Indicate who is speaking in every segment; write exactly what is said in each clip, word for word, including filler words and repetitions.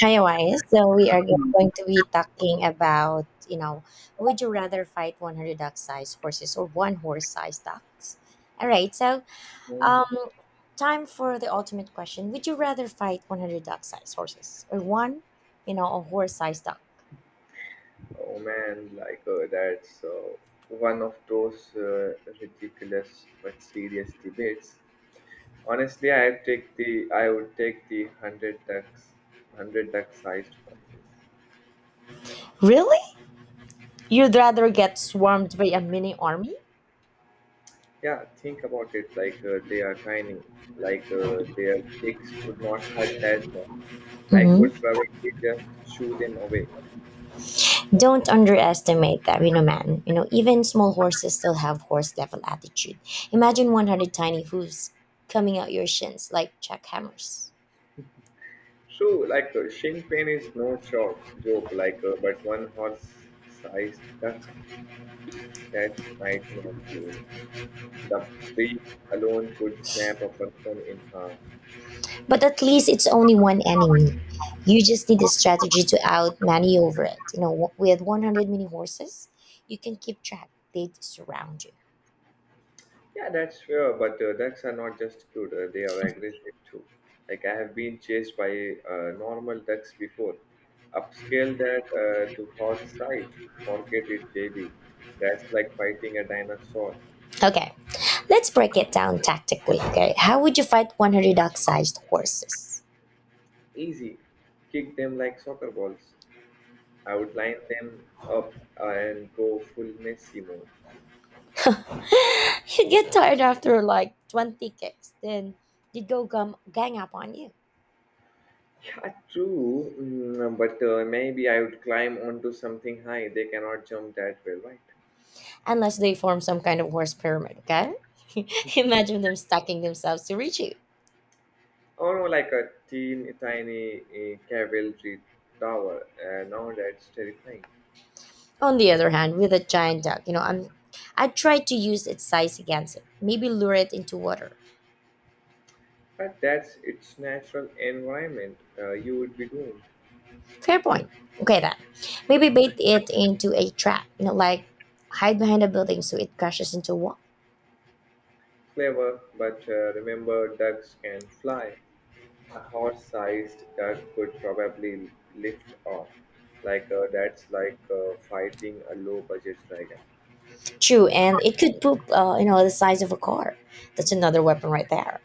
Speaker 1: Hi, Wise. So we are going to be talking about, you know, would you rather fight one hundred duck-sized horses or one horse-sized ducks? All right. So,
Speaker 2: Mm.
Speaker 1: um, time for the ultimate question. Would you rather fight one hundred duck-sized horses or one, you know, a horse-sized duck?
Speaker 2: Oh man, like uh, that's uh, one of those uh, ridiculous but serious debates. Honestly, I take the I would take the hundred ducks, hundred duck sized horses.
Speaker 1: Really? You'd rather get swarmed by a mini army?
Speaker 2: Yeah, think about it. Like uh, they are tiny. Like uh, their kicks would not hurt that much. I could probably just shoo them away.
Speaker 1: Don't underestimate them, you know, man. You know, even small horses still have horse level attitude. Imagine one hundred tiny hooves coming out your shins like jackhammers.
Speaker 2: So, like uh, shin pain is no joke. Joke, like uh, but one horse sized duck, that's nightmare fuel. The beak alone could snap a person in half.
Speaker 1: But at least it's only one enemy. You just need a strategy to out maneuver it. You know, w- with one hundred mini horses, you can keep track. They surround you.
Speaker 2: Yeah, that's fair, but uh, ducks are not just cute, uh, they are aggressive too. Like, I have been chased by uh, normal ducks before. Upscale that uh, to horse size. Forget it, J B. That's like fighting a dinosaur.
Speaker 1: Okay, let's break it down tactically. Okay, how would you fight one hundred duck sized horses?
Speaker 2: Easy. Kick them like soccer balls. I would line them up and go full Messi mode.
Speaker 1: You get tired after like twenty kicks, then they go gum- gang up on you.
Speaker 2: Yeah, true. Mm, but uh, Maybe I would climb onto something high. They cannot jump that well, right?
Speaker 1: Unless they form some kind of horse pyramid, okay? Imagine them stacking themselves to reach you.
Speaker 2: Or no, like a teen, tiny uh, cavalry tower. Uh, now that's terrifying.
Speaker 1: On the other hand, with a giant duck, you know, I'm, I try to use its size against it. Maybe lure it into water.
Speaker 2: But that's its natural environment. Uh, you would be doomed.
Speaker 1: Fair point. Okay, then. Maybe bait it into a trap, you know, like hide behind a building so it crashes into a wall.
Speaker 2: Clever, but uh, remember ducks can fly. A horse-sized duck could probably lift off. Like uh, that's like uh, fighting a low-budget dragon.
Speaker 1: True, and it could poop, uh, you know, the size of a car. That's another weapon right there.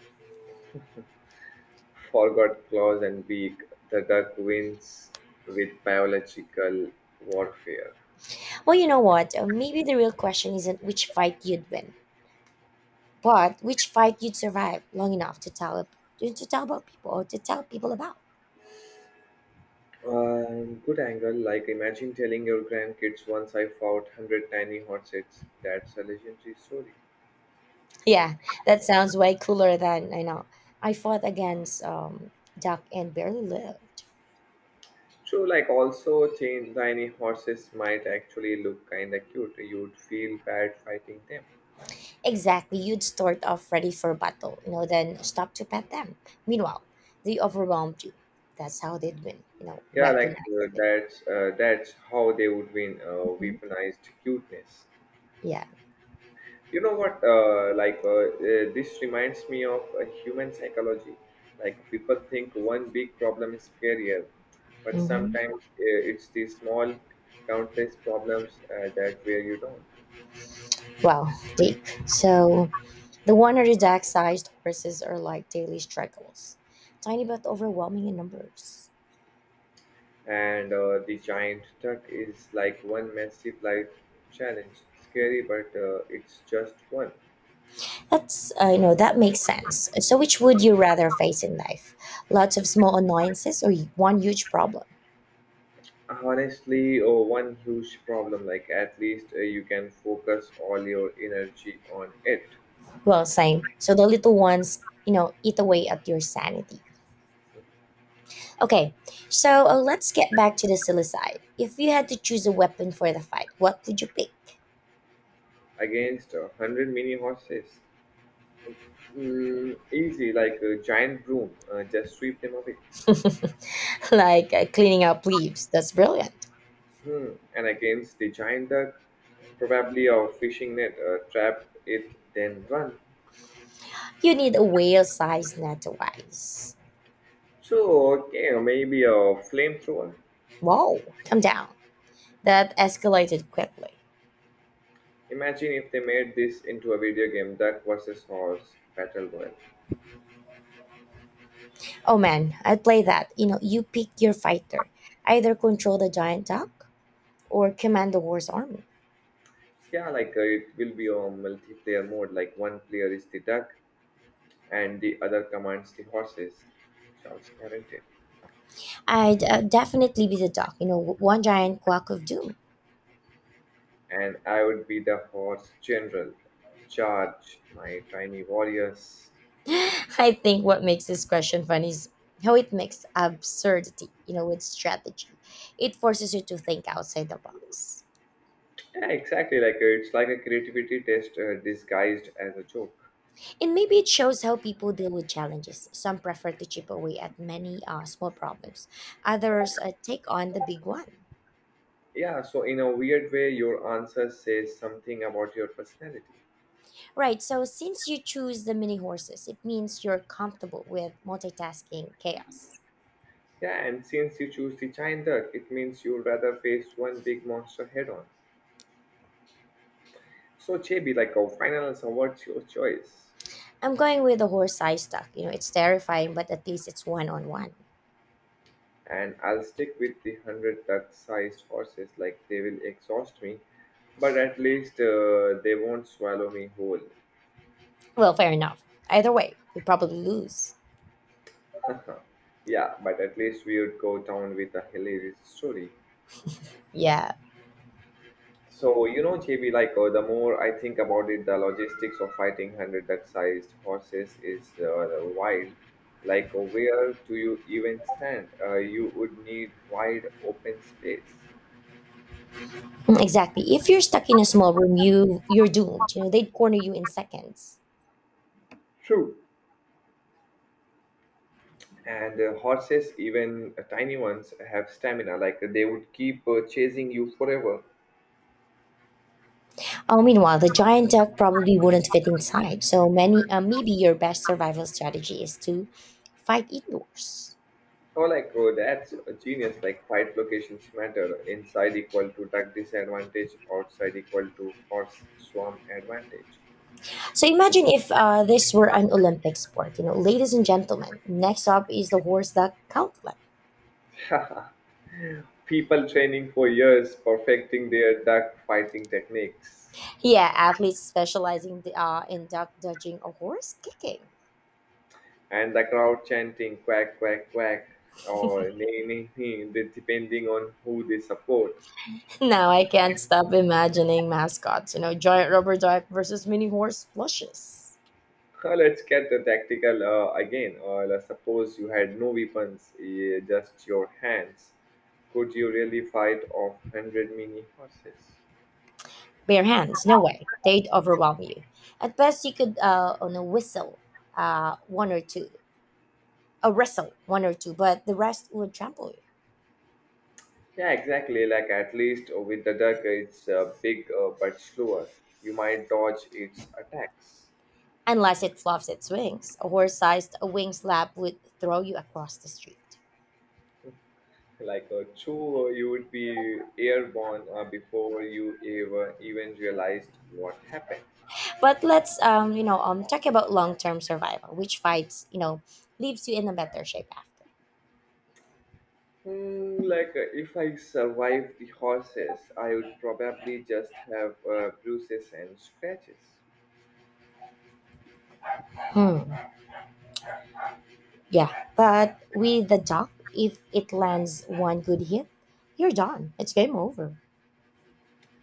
Speaker 2: Forgot claws and beak, the duck wins with biological warfare.
Speaker 1: Well, you know what? Uh, Maybe the real question isn't which fight you'd win, but which fight you'd survive long enough to tell to tell about people or to tell people about.
Speaker 2: Um, good angle. Like imagine telling your grandkids once I fought one hundred tiny horses. That's a legendary story.
Speaker 1: Yeah, that sounds way cooler than I know. I fought against um, duck and barely lived.
Speaker 2: True. Like also, tin- tiny horses might actually look kinda cute. You'd feel bad fighting them.
Speaker 1: Exactly, you'd start off ready for battle, you know, then stop to pet them. Meanwhile, they overwhelmed you. That's how they'd win, you know,
Speaker 2: Yeah, like uh,
Speaker 1: weaponized. With.
Speaker 2: that's uh, that's how they would win. Uh,
Speaker 1: Mhm.
Speaker 2: weaponized cuteness.
Speaker 1: Yeah.
Speaker 2: you know what uh, like uh, uh, this reminds me of uh, human psychology, like people think one big problem is career, but
Speaker 1: Hmm.
Speaker 2: sometimes uh, it's the small countless problems uh, that wear you down.
Speaker 1: Wow, Dick. So the winery deck sized horses are like daily struggles, tiny but overwhelming in numbers.
Speaker 2: And uh, the giant tuck is like one massive life challenge, scary, but uh, it's just one.
Speaker 1: That's, uh, you know, that makes sense. So, which would you rather face in life? Lots of small annoyances or one huge problem?
Speaker 2: Honestly oh, one huge problem, like at least uh, you can focus all your energy on it
Speaker 1: Well, same. So, the little ones, you know, eat away at your sanity. Okay, so uh, let's get back to the silly side. If you had to choose a weapon for the fight, what would you pick?
Speaker 2: against a hundred mini horses. Mm, easy, like a giant broom, uh, just sweep them away.
Speaker 1: like uh, cleaning up leaves. That's brilliant.
Speaker 2: Hmm. And against the giant duck, probably a fishing net, uh, trap it, then run.
Speaker 1: You need a whale sized net to wise.
Speaker 2: So, okay, or maybe a flamethrower.
Speaker 1: Whoa, come down. That escalated quickly.
Speaker 2: Imagine if they made this into a video game, Duck versus Horse Battle Royale.
Speaker 1: Oh man, I'd play that. You know, you pick your fighter. Either control the giant duck or command the war's army.
Speaker 2: Yeah, like uh, it will be a multiplayer mode, like one player is the duck and the other commands the horses. Sounds guaranteed.
Speaker 1: I'd uh, definitely be the duck, you know, w- one giant quack of doom.
Speaker 2: And I would be the horse general. Charge my tiny warriors.
Speaker 1: I think what makes this question funny is how it makes absurdity, you know, with strategy. It forces you to think outside the box.
Speaker 2: Yeah, exactly. Like uh, it's like a creativity test uh, disguised as a joke.
Speaker 1: And maybe it shows how people deal with challenges. Some prefer to chip away at many uh, small problems, others uh, take on the big one.
Speaker 2: Yeah, so in a weird way, your answer says something about your personality.
Speaker 1: Right, so since you choose the mini horses, it means you're comfortable with multitasking chaos.
Speaker 2: Yeah, and since you choose the giant duck, it means you'd rather face one big monster head on. So, J B, like, our final answer, what's your choice?
Speaker 1: I'm going with the horse size stuff. You know, it's terrifying, but at least it's one on one.
Speaker 2: And I'll stick with the one hundred duck sized horses, like they will exhaust me, but at least uh, they won't swallow me whole.
Speaker 1: Well, fair enough. Either way, we probably lose.
Speaker 2: Yeah, but at least we would go down with a hilarious story.
Speaker 1: Yeah,
Speaker 2: So, you know, J B, like uh, the more I think about it, the logistics of fighting one hundred duck sized horses is uh, wild. Like, uh, where do you even stand? Uh, you would need wide open space.
Speaker 1: exactly. If you're stuck in a small room, you you're doomed. You know, they'd corner you in seconds.
Speaker 2: True, and uh, horses, even uh, tiny ones, have stamina, like they would keep uh, chasing you forever.
Speaker 1: Oh, meanwhile, the giant duck probably wouldn't fit inside. So many, uh, maybe your best survival strategy is to fight indoors.
Speaker 2: Oh like oh that's a genius, like fight locations matter: inside equal to duck disadvantage, outside equal to horse swarm advantage.
Speaker 1: So imagine if uh, this were an Olympic sport. You know, ladies and gentlemen, next up is the horse duck gauntlet.
Speaker 2: People training for years perfecting their duck fighting techniques.
Speaker 1: Yeah, athletes specializing uh, in duck dodging or horse kicking.
Speaker 2: And the crowd chanting quack quack quack or nay nay nay, de- depending on who they support.
Speaker 1: Now I can't stop imagining mascots. You know, giant rubber duck versus mini horse plushes.
Speaker 2: Uh, Let's get the tactical uh, again. Uh, let's suppose you had no weapons, eh, just your hands. Could you really fight off one hundred mini horses?
Speaker 1: Bare hands, no way. They'd overwhelm you. At best, you could uh, on a whistle, uh, one or two, a wrestle one or two, but the rest would trample you.
Speaker 2: Yeah, exactly. Like at least with the duck, it's uh, big uh, but slower. You might dodge its attacks.
Speaker 1: Unless it fluffs its wings, a horse-sized wing slap would throw you across the street.
Speaker 2: Like a chew, you would be airborne uh, before you ever even realized what happened.
Speaker 1: But let's, um, you know, um, talk about long-term survival, which fights, you know, leaves you in a better shape after.
Speaker 2: Hmm, like uh, if I survived the horses, I would probably just have uh, bruises and scratches.
Speaker 1: Hmm. Yeah, but with the duck, if it lands one good hit, you're done. It's game over.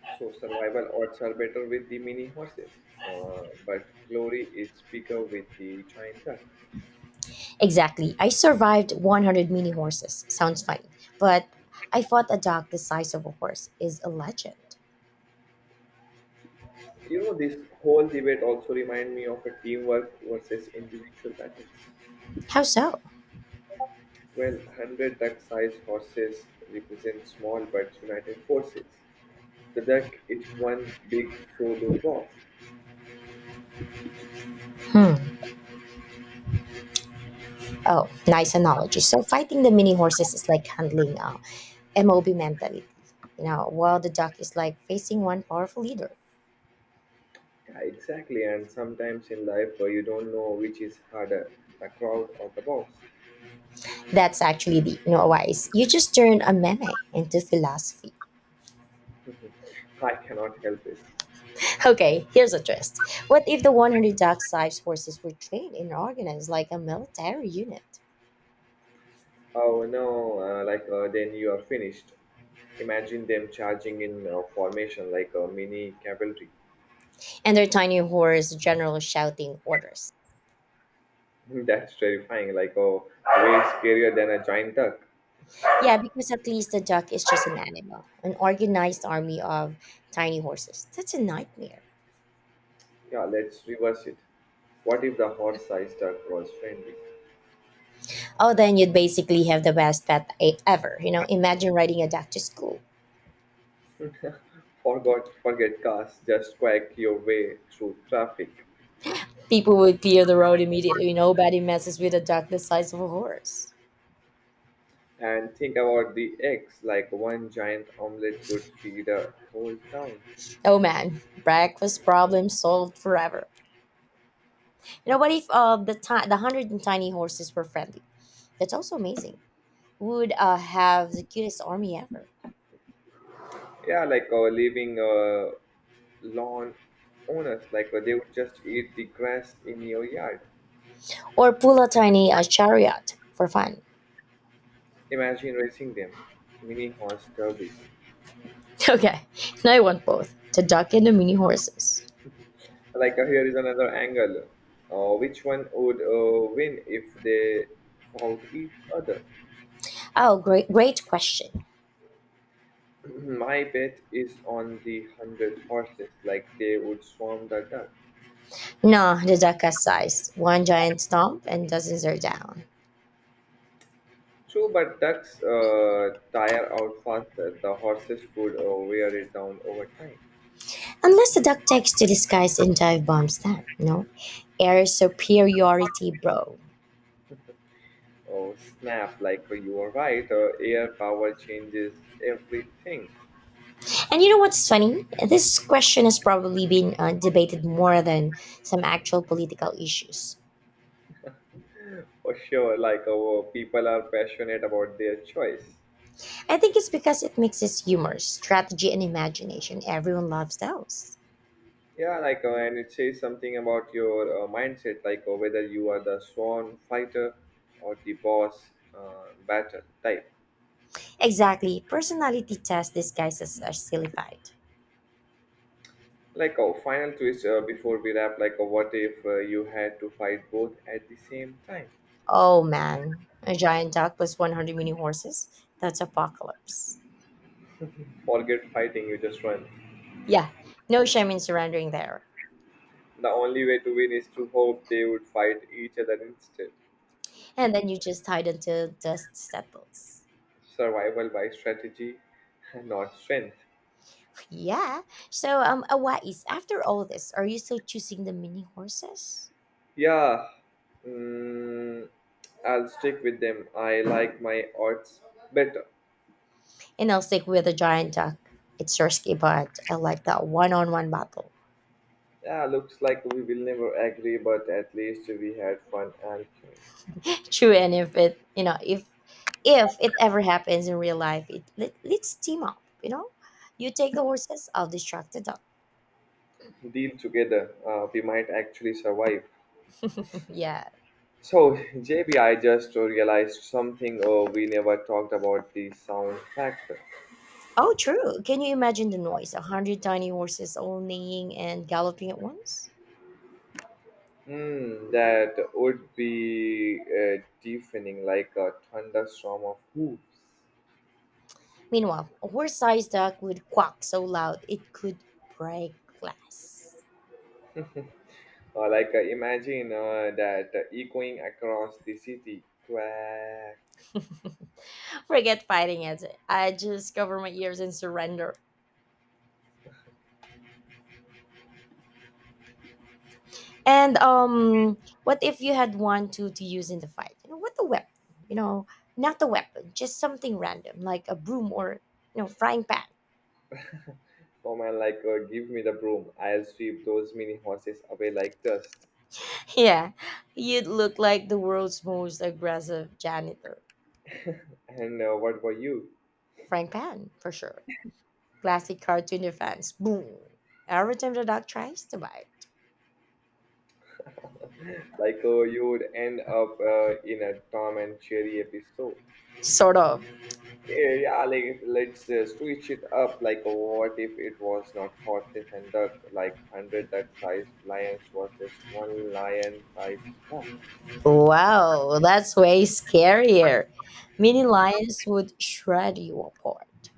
Speaker 2: So survival odds are better with the mini horses, uh, but glory is bigger with the giant duck.
Speaker 1: Exactly. I survived one hundred mini horses. Sounds funny. But I thought a dog the size of a horse is a legend.
Speaker 2: You know, this whole debate also remind me of a teamwork versus individual battles.
Speaker 1: How so?
Speaker 2: Well, one hundred duck-sized horses represent small but united forces. The duck is one big solo boss.
Speaker 1: Hmm. Oh, nice analogy. So fighting the mini horses is like handling uh, MOB mentality. You know, while the dog is like facing one powerful leader.
Speaker 2: Yeah, exactly. And sometimes in life, uh, you don't know which is harder, the crowd or the boss.
Speaker 1: That's actually the you know wise. You just turn a meme into philosophy.
Speaker 2: I cannot help it.
Speaker 1: Okay, here's a twist. What if the one hundred dog sized horses were trained and organized like a military unit?
Speaker 2: Oh no, uh, like uh, then you are finished. Imagine them charging in uh, formation like a mini cavalry.
Speaker 1: And their tiny horse general shouting orders.
Speaker 2: That's terrifying, like a way scarier than a giant duck.
Speaker 1: Yeah, because at least the duck is just an animal, an organized army of tiny horses. That's a nightmare.
Speaker 2: Yeah, let's reverse it. What if the horse-sized duck was friendly?
Speaker 1: Oh, then you'd basically have the best pet e- ever. You know, imagine riding a duck to school.
Speaker 2: Forgot, forget cars, just quack your way through traffic.
Speaker 1: People would clear the road immediately. Nobody messes with a duck the size of a horse.
Speaker 2: And think about the eggs, like one giant omelette could feed a whole town.
Speaker 1: Oh man, breakfast problem solved forever. You know, what if uh, the ti- the hundred and tiny horses were friendly? That's also amazing. Would uh, have the cutest army ever.
Speaker 2: Yeah, like uh, leaving uh, lawn owners, like uh, they would just eat the grass in your yard.
Speaker 1: Or pull a tiny uh, chariot for fun.
Speaker 2: Imagine racing them, mini horse derby.
Speaker 1: Okay, now I want both the duck and the mini horses.
Speaker 2: Like uh, here is another angle. Uh, which one would uh, win if they fought each other?
Speaker 1: Oh, great, great question.
Speaker 2: My bet is on the hundred horses, like they would swarm the dirt.
Speaker 1: No, the duck has size. One giant stomp and dozens are down.
Speaker 2: True, but ducks uh, tire out faster. The horses would uh, wear it down over time.
Speaker 1: Unless the duck takes to the skies and dive bombs them, no? Air superiority, bro.
Speaker 2: Oh, snap, like uh, you are right. Uh, air power changes everything.
Speaker 1: And you know what's funny? This question has probably been uh, debated more than some actual political issues.
Speaker 2: For sure, like uh, people are passionate about their choice.
Speaker 1: I think it's because it mixes humor, strategy, and imagination. Everyone loves those.
Speaker 2: Yeah, like, uh, and it says something about your uh, mindset, like uh, whether you are the swan fighter or the boss uh, battle type.
Speaker 1: Exactly. Personality test disguises as silly fight.
Speaker 2: Like, a final twist uh, before we wrap, like, uh, what if uh, you had to fight both at the same time?
Speaker 1: Oh man, a giant dog plus one hundred mini horses? That's apocalypse.
Speaker 2: Forget fighting, you just run.
Speaker 1: Yeah, no shame in surrendering there.
Speaker 2: The only way to win is to hope they would fight each other instead.
Speaker 1: And then you just hide until dust settles.
Speaker 2: Survival by strategy, not strength.
Speaker 1: Yeah. So, um, Awais, after all this, are you still choosing the mini horses?
Speaker 2: Yeah, mm, I'll stick with them. I like my odds better.
Speaker 1: And I'll stick with the giant duck. It's risky, but I like that one-on-one battle.
Speaker 2: Yeah, looks like we will never agree, but at least we had fun arguing.
Speaker 1: True, and if it, you know, if if it ever happens in real life, it let, let's team up. You know, you take the horses, I'll distract the dog.
Speaker 2: Deal. Together, uh, we might actually survive.
Speaker 1: Yeah.
Speaker 2: So, J B, I just realized something. Oh, we never talked about the sound factor.
Speaker 1: Oh, true. Can you imagine the noise? A hundred tiny horses all neighing and galloping at once.
Speaker 2: Mm, that would be uh, deafening, like a thunderstorm of hooves.
Speaker 1: Meanwhile, a horse-sized duck would quack so loud it could break glass.
Speaker 2: Uh, like uh, imagine uh, that uh, echoing across the city. Quack.
Speaker 1: Forget fighting it. I just cover my ears and surrender. And um, what if you had one to to use in the fight? You know, what the weapon? You know, not the weapon, just something random like a broom or you know frying pan.
Speaker 2: Oh man, like uh, give me the broom. I'll sweep those mini horses away like dust.
Speaker 1: Yeah, you'd look like the world's most aggressive janitor,
Speaker 2: And uh, what about you?
Speaker 1: frying pan for sure. Classic cartoon defense. Boom! Every time the dog tries to bite,
Speaker 2: Like uh, you would end up uh, in a Tom and Jerry episode.
Speaker 1: sort of.
Speaker 2: Yeah, like let's uh, switch it up. Like, what if it was not horses and duck? Like, hundred duck-sized lions versus one lion-sized duck.
Speaker 1: Wow, that's way scarier. Mini lions would shred you apart.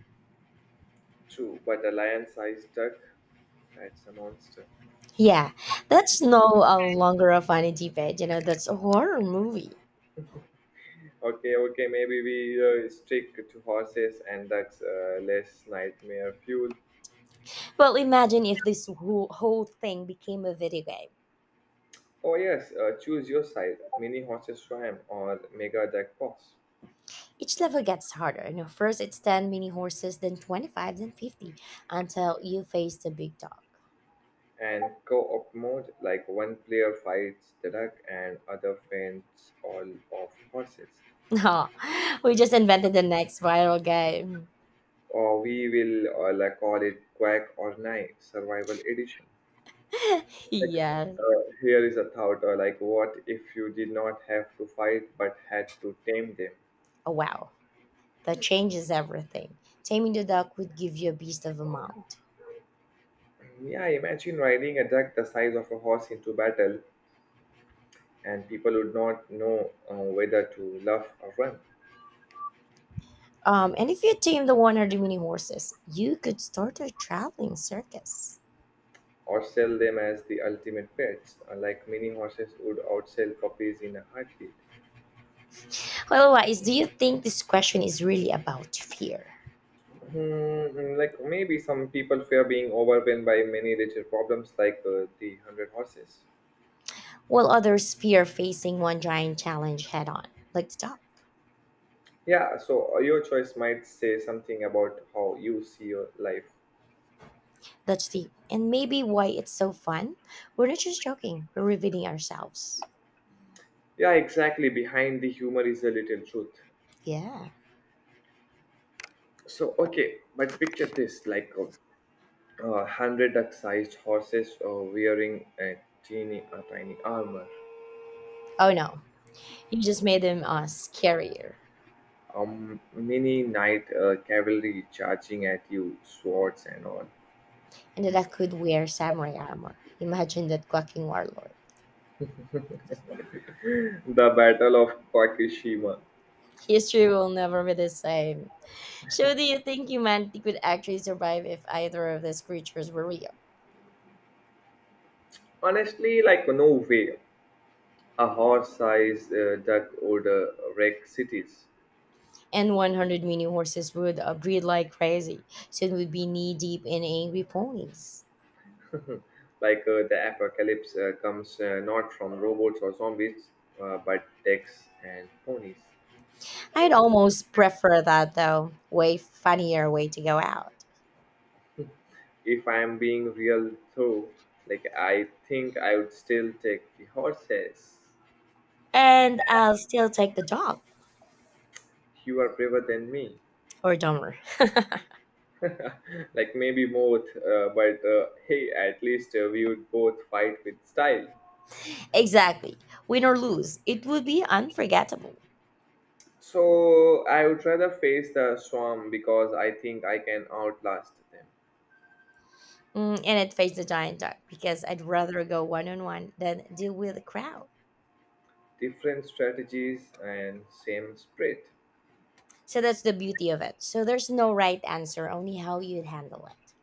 Speaker 2: True, but a lion-sized duck, that's a monster.
Speaker 1: Yeah, that's no uh, longer a funny debate, you know, that's a horror movie.
Speaker 2: Okay, okay, maybe we uh, stick to horses and ducks. Uh, less nightmare fuel.
Speaker 1: Well, imagine if this whole, whole thing became a video game.
Speaker 2: Oh yes, uh, choose your side. Mini horses swam or mega duck boss.
Speaker 1: Each level gets harder. You know, first it's ten mini horses, then twenty-five, then fifty, until you face the big dog.
Speaker 2: And co-op mode, like one player fights the duck and other fends all of horses.
Speaker 1: No, we just invented the next viral game.
Speaker 2: Or we will uh, like call it quack or knife survival edition. like
Speaker 1: Yeah,
Speaker 2: uh, Here is a thought, uh, like what if you did not have to fight but had to tame them?
Speaker 1: oh, wow, that changes everything. Taming the dog would give you a beast of a mount.
Speaker 2: Yeah, imagine riding a duck the size of a horse into battle, and people would not know uh, whether to laugh or run.
Speaker 1: Um, and if you tame the one hundred mini horses, you could start a traveling circus.
Speaker 2: Or sell them as the ultimate pets, uh, like many horses would outsell puppies in a heartbeat.
Speaker 1: Otherwise, do you think this question is really about fear?
Speaker 2: Hmm, like maybe some people fear being overwhelmed by many little problems like uh, the one hundred horses.
Speaker 1: Will others fear facing one giant challenge head on, like the top?
Speaker 2: Yeah, so uh, your choice might say something about how you see your life.
Speaker 1: That's deep. And maybe why it's so fun. We're not just joking, we're revealing ourselves.
Speaker 2: Yeah, exactly. Behind the humor is a little truth.
Speaker 1: Yeah.
Speaker 2: So, okay, but picture this like a uh, one hundred duck sized horses uh, wearing a teeny, a tiny armor.
Speaker 1: Oh no, you just made them uh, scarier.
Speaker 2: Um, many night uh, cavalry charging at you, swords and all.
Speaker 1: And that I could wear samurai armor. Imagine that quacking warlord.
Speaker 2: The Battle of Kakishima.
Speaker 1: History will never be the same. So, do you think humanity could actually survive if either of these creatures were real?
Speaker 2: Honestly, like no way. A horse-sized uh, duck would uh, wreck cities.
Speaker 1: And one hundred mini horses would uh, breed like crazy, so it would be knee deep in angry ponies.
Speaker 2: Like uh, the apocalypse uh, comes, uh, not from robots or zombies, uh, but decks and ponies.
Speaker 1: I'd almost prefer that though, way funnier way to go out.
Speaker 2: If I am being real though, like I think I would still take the horses.
Speaker 1: And I'll still take the dog
Speaker 2: You are braver than me.
Speaker 1: or dumber.
Speaker 2: Like maybe both uh, but uh, hey, at least uh, we would both fight with style.
Speaker 1: Exactly, win or lose, it would be unforgettable.
Speaker 2: So I would rather face the swarm because I think I can outlast them.
Speaker 1: Mm, and I'd face the giant dog because I'd rather go one on one than deal with a crowd.
Speaker 2: Different strategies and same spread.
Speaker 1: So that's the beauty of it. So there's no right answer, only how you'd handle it.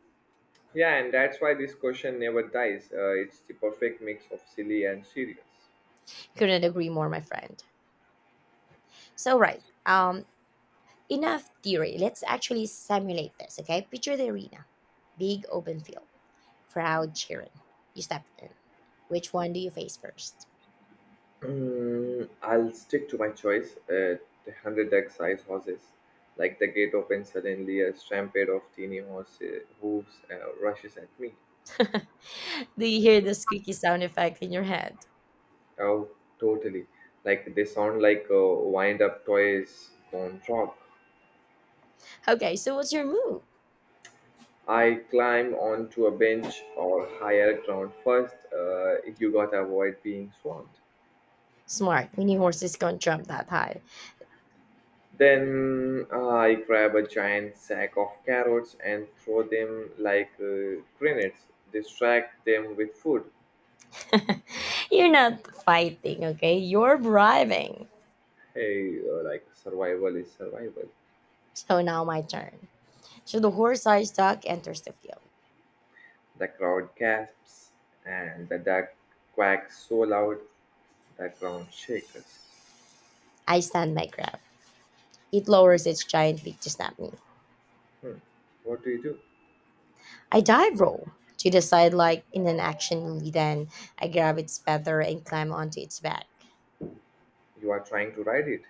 Speaker 2: Yeah, and that's why this question never dies, uh, it's the perfect mix of silly and serious.
Speaker 1: Couldn't agree more, my friend. So right. Um, Enough theory. Let's actually simulate this, okay? Picture the arena. Big open field. Crowd cheering. You step in. Which one do you face first?
Speaker 2: Mm, I'll stick to my choice. Uh, the hundred deck size horses. Like the gate opens, suddenly a stampede of teeny horse uh, hooves uh, rushes at me.
Speaker 1: Do you hear the squeaky sound effect in your head?
Speaker 2: Oh, totally. Like they sound like uh, wind-up toys gone wrong.
Speaker 1: Okay, so what's your move?
Speaker 2: I climb onto a bench or higher ground first. Uh, you gotta avoid being swamped.
Speaker 1: Smart. Mini horses can't jump that high.
Speaker 2: Then uh, I grab a giant sack of carrots and throw them like uh, grenades. Distract them with food.
Speaker 1: You're not fighting, okay? You're bribing.
Speaker 2: Hey, uh, like survival is survival.
Speaker 1: So now my turn. So the horse-sized duck enters the field.
Speaker 2: The crowd gasps and the duck quacks so loud the ground shakes.
Speaker 1: I stand my ground. It lowers its giant beak to snap me.
Speaker 2: Hmm. What do you do?
Speaker 1: I dive roll to the side like in an action movie. Then I grab its feather and climb onto its back.
Speaker 2: You are trying to ride it.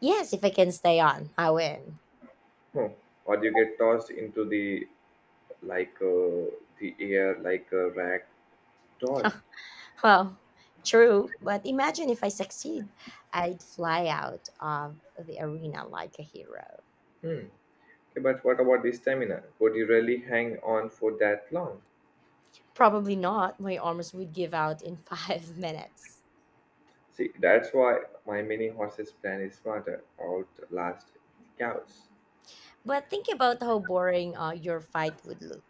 Speaker 1: Yes, if I can stay on, I win.
Speaker 2: Hmm. Or you get tossed into the like uh, the air like a rag doll.
Speaker 1: Well, true, but imagine if I succeed, I'd fly out of the arena like a hero.
Speaker 2: Hmm. Okay, but what about the stamina? Could you really hang on for that long?
Speaker 1: Probably not. My arms would give out in five minutes.
Speaker 2: See, that's why my mini horses plan is smarter, outlast cows.
Speaker 1: But think about how boring uh, your fight would look.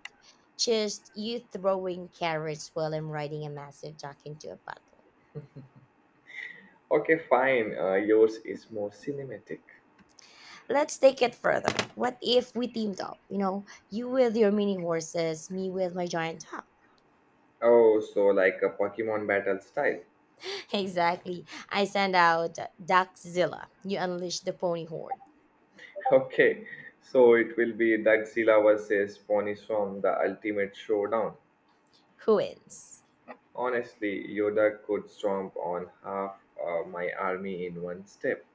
Speaker 1: Just you throwing carrots while I'm riding a massive duck into a puddle.
Speaker 2: Okay, fine. Uh, yours is more cinematic.
Speaker 1: Let's take it further. What if we teamed up? You know, you with your mini horses, me with my giant hawk.
Speaker 2: Oh, so like a Pokemon battle style.
Speaker 1: Exactly. I send out Duckzilla. You unleash the pony horde.
Speaker 2: Okay, so it will be Godzilla versus Pony Storm, the ultimate showdown.
Speaker 1: Who wins?
Speaker 2: Honestly, Yoda could stomp on half uh, my army in one step.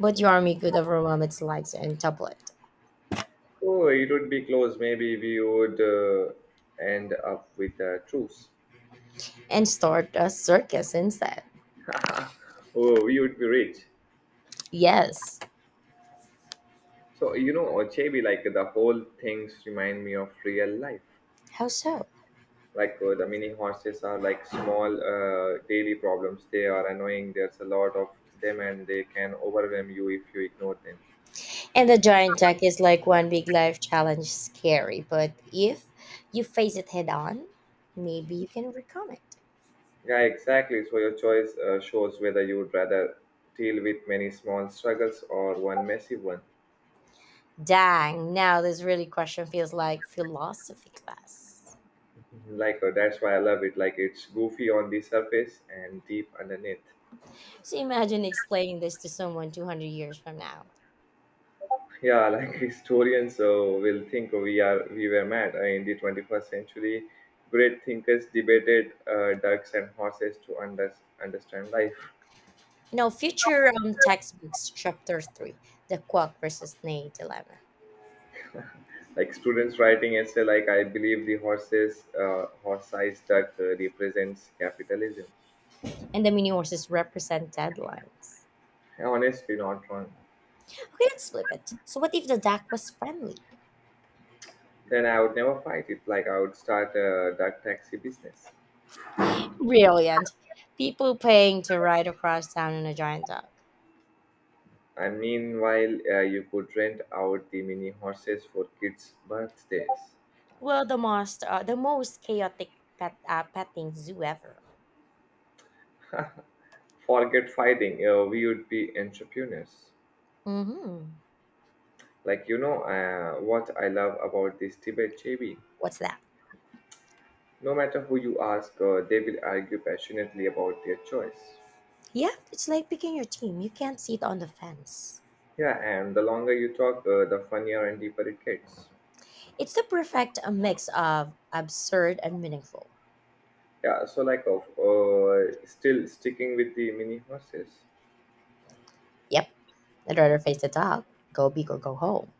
Speaker 1: But your army could overwhelm its legs and topple it,
Speaker 2: Oh, it would be close. Maybe we would uh, end up with a truce.
Speaker 1: and start a circus instead.
Speaker 2: Oh, we would be rich.
Speaker 1: Yes.
Speaker 2: So you know, Chebi, like the whole things remind me of real life.
Speaker 1: How so?
Speaker 2: like uh, the mini horses are like small uh, daily problems, they are annoying, there's a lot of them and they can overwhelm you if you ignore them.
Speaker 1: And the giant duck is like one big life challenge, scary. But if you face it head on, maybe you can overcome it.
Speaker 2: Yeah, exactly, so your choice uh, shows whether you'd rather deal with many small struggles or one massive one.
Speaker 1: Dang, now this really question feels like philosophy class.
Speaker 2: Mhm. like uh, that's why I love it, like it's goofy on the surface and deep underneath.
Speaker 1: So imagine explaining this to someone two hundred years from now.
Speaker 2: Yeah, like historians uh, will think we are we were mad. Uh, in the twenty-first century great thinkers debated uh, ducks and horses to under- understand life.
Speaker 1: You know, future um, textbooks, chapter three, the quack versus nay dilemma.
Speaker 2: Like students writing essay, like I believe the horses uh, horse-sized duck uh, represents capitalism.
Speaker 1: And the mini horses represent deadlines.
Speaker 2: Honestly, not wrong.
Speaker 1: Okay, let's flip it. So what if the duck was friendly?
Speaker 2: Then I would never fight it, like I would start a duck taxi business.
Speaker 1: Brilliant. People paying to ride across town on a giant dog.
Speaker 2: And meanwhile uh, you could rent out the mini horses for kids birthdays.
Speaker 1: Well, the most, uh, the most chaotic pet, uh, petting zoo ever.
Speaker 2: Forget fighting, uh, we would be entrepreneurs.
Speaker 1: Mm-hmm.
Speaker 2: Like, you know, uh, what I love about this debate, J B.
Speaker 1: What's that?
Speaker 2: No matter who you ask, uh, they will argue passionately about their choice.
Speaker 1: Yep, it's like picking your team. You can't sit on the fence.
Speaker 2: Yeah, and the longer you talk, uh, the funnier and deeper it gets.
Speaker 1: It's the perfect uh, mix of absurd and meaningful.
Speaker 2: Yeah, so like, of uh, still sticking with the mini horses.
Speaker 1: Yep, I'd rather face the dog, go big or go home.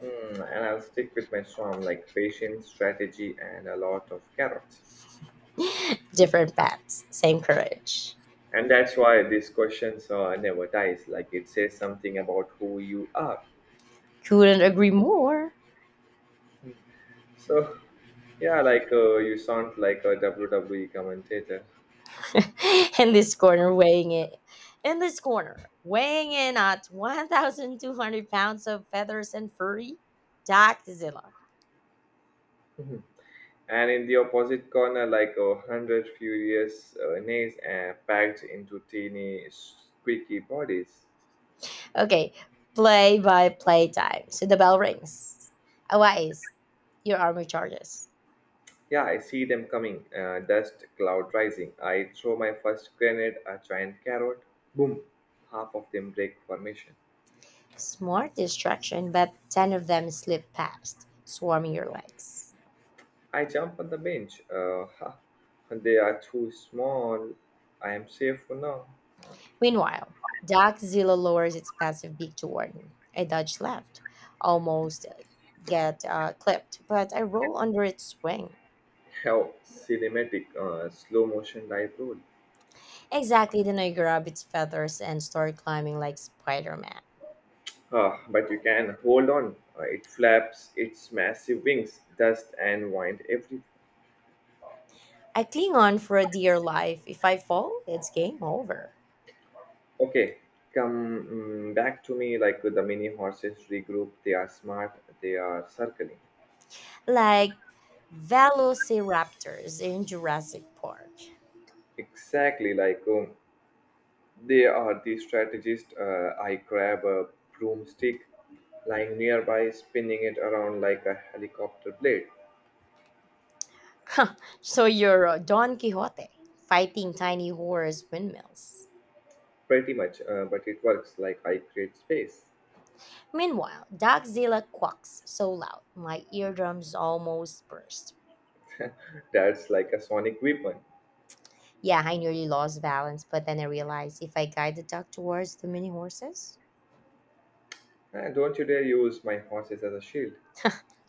Speaker 2: Hmm, and I'll stick with my storm, like patience, strategy, and a lot of carrots.
Speaker 1: Different paths, same courage.
Speaker 2: And that's why these questions uh, never dies. Like it says something about who you are.
Speaker 1: Couldn't agree more.
Speaker 2: So yeah, like uh, you sound like a W W E commentator.
Speaker 1: In this corner, weighing it. In this corner, weighing in at one thousand two hundred pounds of feathers and furry, Dachzilla.
Speaker 2: Mhm. And in the opposite corner, like a hundred furious uh, knees uh, packed into teeny, squeaky bodies.
Speaker 1: Okay, play by play time. So the bell rings. Arise, your army charges.
Speaker 2: Yeah, I see them coming. Uh, dust cloud rising. I throw my first grenade, a giant carrot. Boom! Half of them break formation.
Speaker 1: Smart distraction, but ten of them slip past, swarming your legs.
Speaker 2: I jump on the bench. Uh, ha! They are too small. I am safe for now.
Speaker 1: Meanwhile, Dachzilla lowers its massive beak toward me. I dodge left, almost get uh, clipped, but I roll under its wing.
Speaker 2: How cinematic, uh, slow motion dive roll.
Speaker 1: Exactly, then I grab its feathers and start climbing like Spider Man.
Speaker 2: Ah, but you can hold on. Uh, it flaps its massive wings, dust and wind everything.
Speaker 1: I cling on for a dear life. If I fall, it's game over.
Speaker 2: Okay, come mm, back to me, like the mini horses regroup. They are smart. They are circling.
Speaker 1: Like Velociraptors in Jurassic Park.
Speaker 2: Exactly, like um, they are the strategist. Uh, I grab a broomstick lying nearby, spinning it around like a helicopter blade.
Speaker 1: So you're uh, Don Quixote fighting tiny horse windmills.
Speaker 2: Pretty much, uh, but it works, like I create space.
Speaker 1: Meanwhile, Dogzilla quacks so loud, my eardrums almost burst.
Speaker 2: That's like a sonic weapon.
Speaker 1: Yeah, I nearly lost balance, but then I realized if I guide the duck towards the mini horses,
Speaker 2: Ah, don't you dare use my horses as a shield.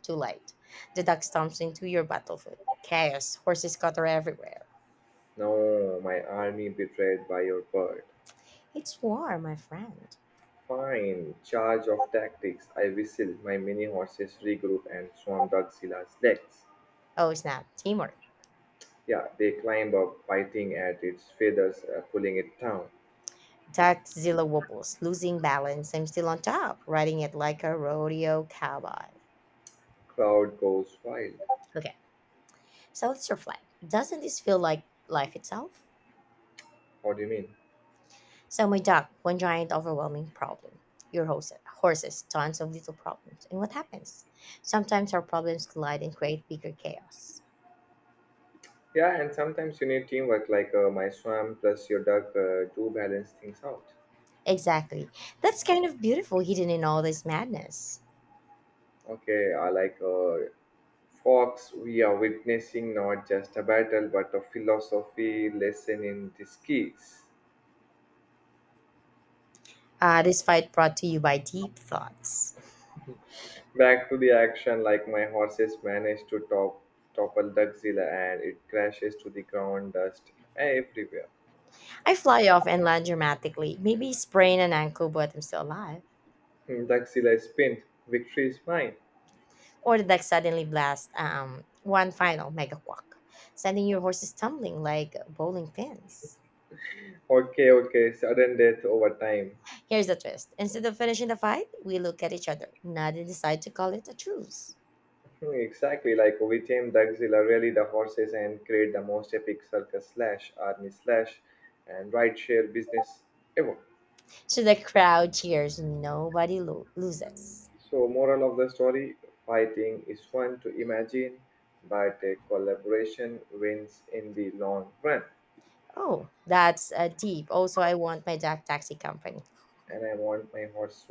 Speaker 1: too late. The duck stomps into your battlefield. Chaos, horses scatter everywhere.
Speaker 2: No, my army betrayed by your bird.
Speaker 1: It's war, my friend.
Speaker 2: Fine, charge of tactics. I whistle. My mini horses regroup and swarm Dugzilla's legs.
Speaker 1: Oh snap, teamwork.
Speaker 2: Yeah, they climb up, biting at its feathers, uh, pulling it down.
Speaker 1: Duckzilla wobbles, losing balance. I'm still on top, riding it like a rodeo cowboy.
Speaker 2: Crowd goes wild.
Speaker 1: Okay. So let's reflect. Doesn't this feel like life itself?
Speaker 2: What do you mean?
Speaker 1: So my dog, one giant overwhelming problem. Your horse, horses, tons of little problems. And what happens? Sometimes our problems collide and create bigger chaos.
Speaker 2: Yeah, and sometimes you need teamwork, like uh, my swarm plus your duck uh, to balance things out.
Speaker 1: Exactly. That's kind of beautiful hidden in all this madness.
Speaker 2: Okay, I like, uh, Fox, we are witnessing not just a battle but a philosophy lesson in disguise.
Speaker 1: Uh, this fight brought to you by deep thoughts.
Speaker 2: Back to the action, like my horses manage to top, topple Duckzilla and it crashes to the ground, dust everywhere.
Speaker 1: I fly off and land dramatically, maybe sprain an ankle, but I'm still alive.
Speaker 2: Hmm, Duckzilla is pinned, victory is mine.
Speaker 1: Or the deck suddenly blasts um, one final mega quack, sending your horses tumbling like bowling pins.
Speaker 2: Okay, okay, sudden death over time.
Speaker 1: Here's the twist. Instead of finishing the fight, we look at each other, nod, and decide to call it a truce.
Speaker 2: Hmm, exactly, like we tame Duckzilla really the horses and create the most epic circus slash army slash and ride share business ever.
Speaker 1: So the crowd cheers, nobody lo- loses.
Speaker 2: So, moral of the story, fighting is fun to imagine, but a collaboration wins in the long run.
Speaker 1: Oh, that's a deep. Also, I want my Jack Taxi Company.
Speaker 2: And I want my horse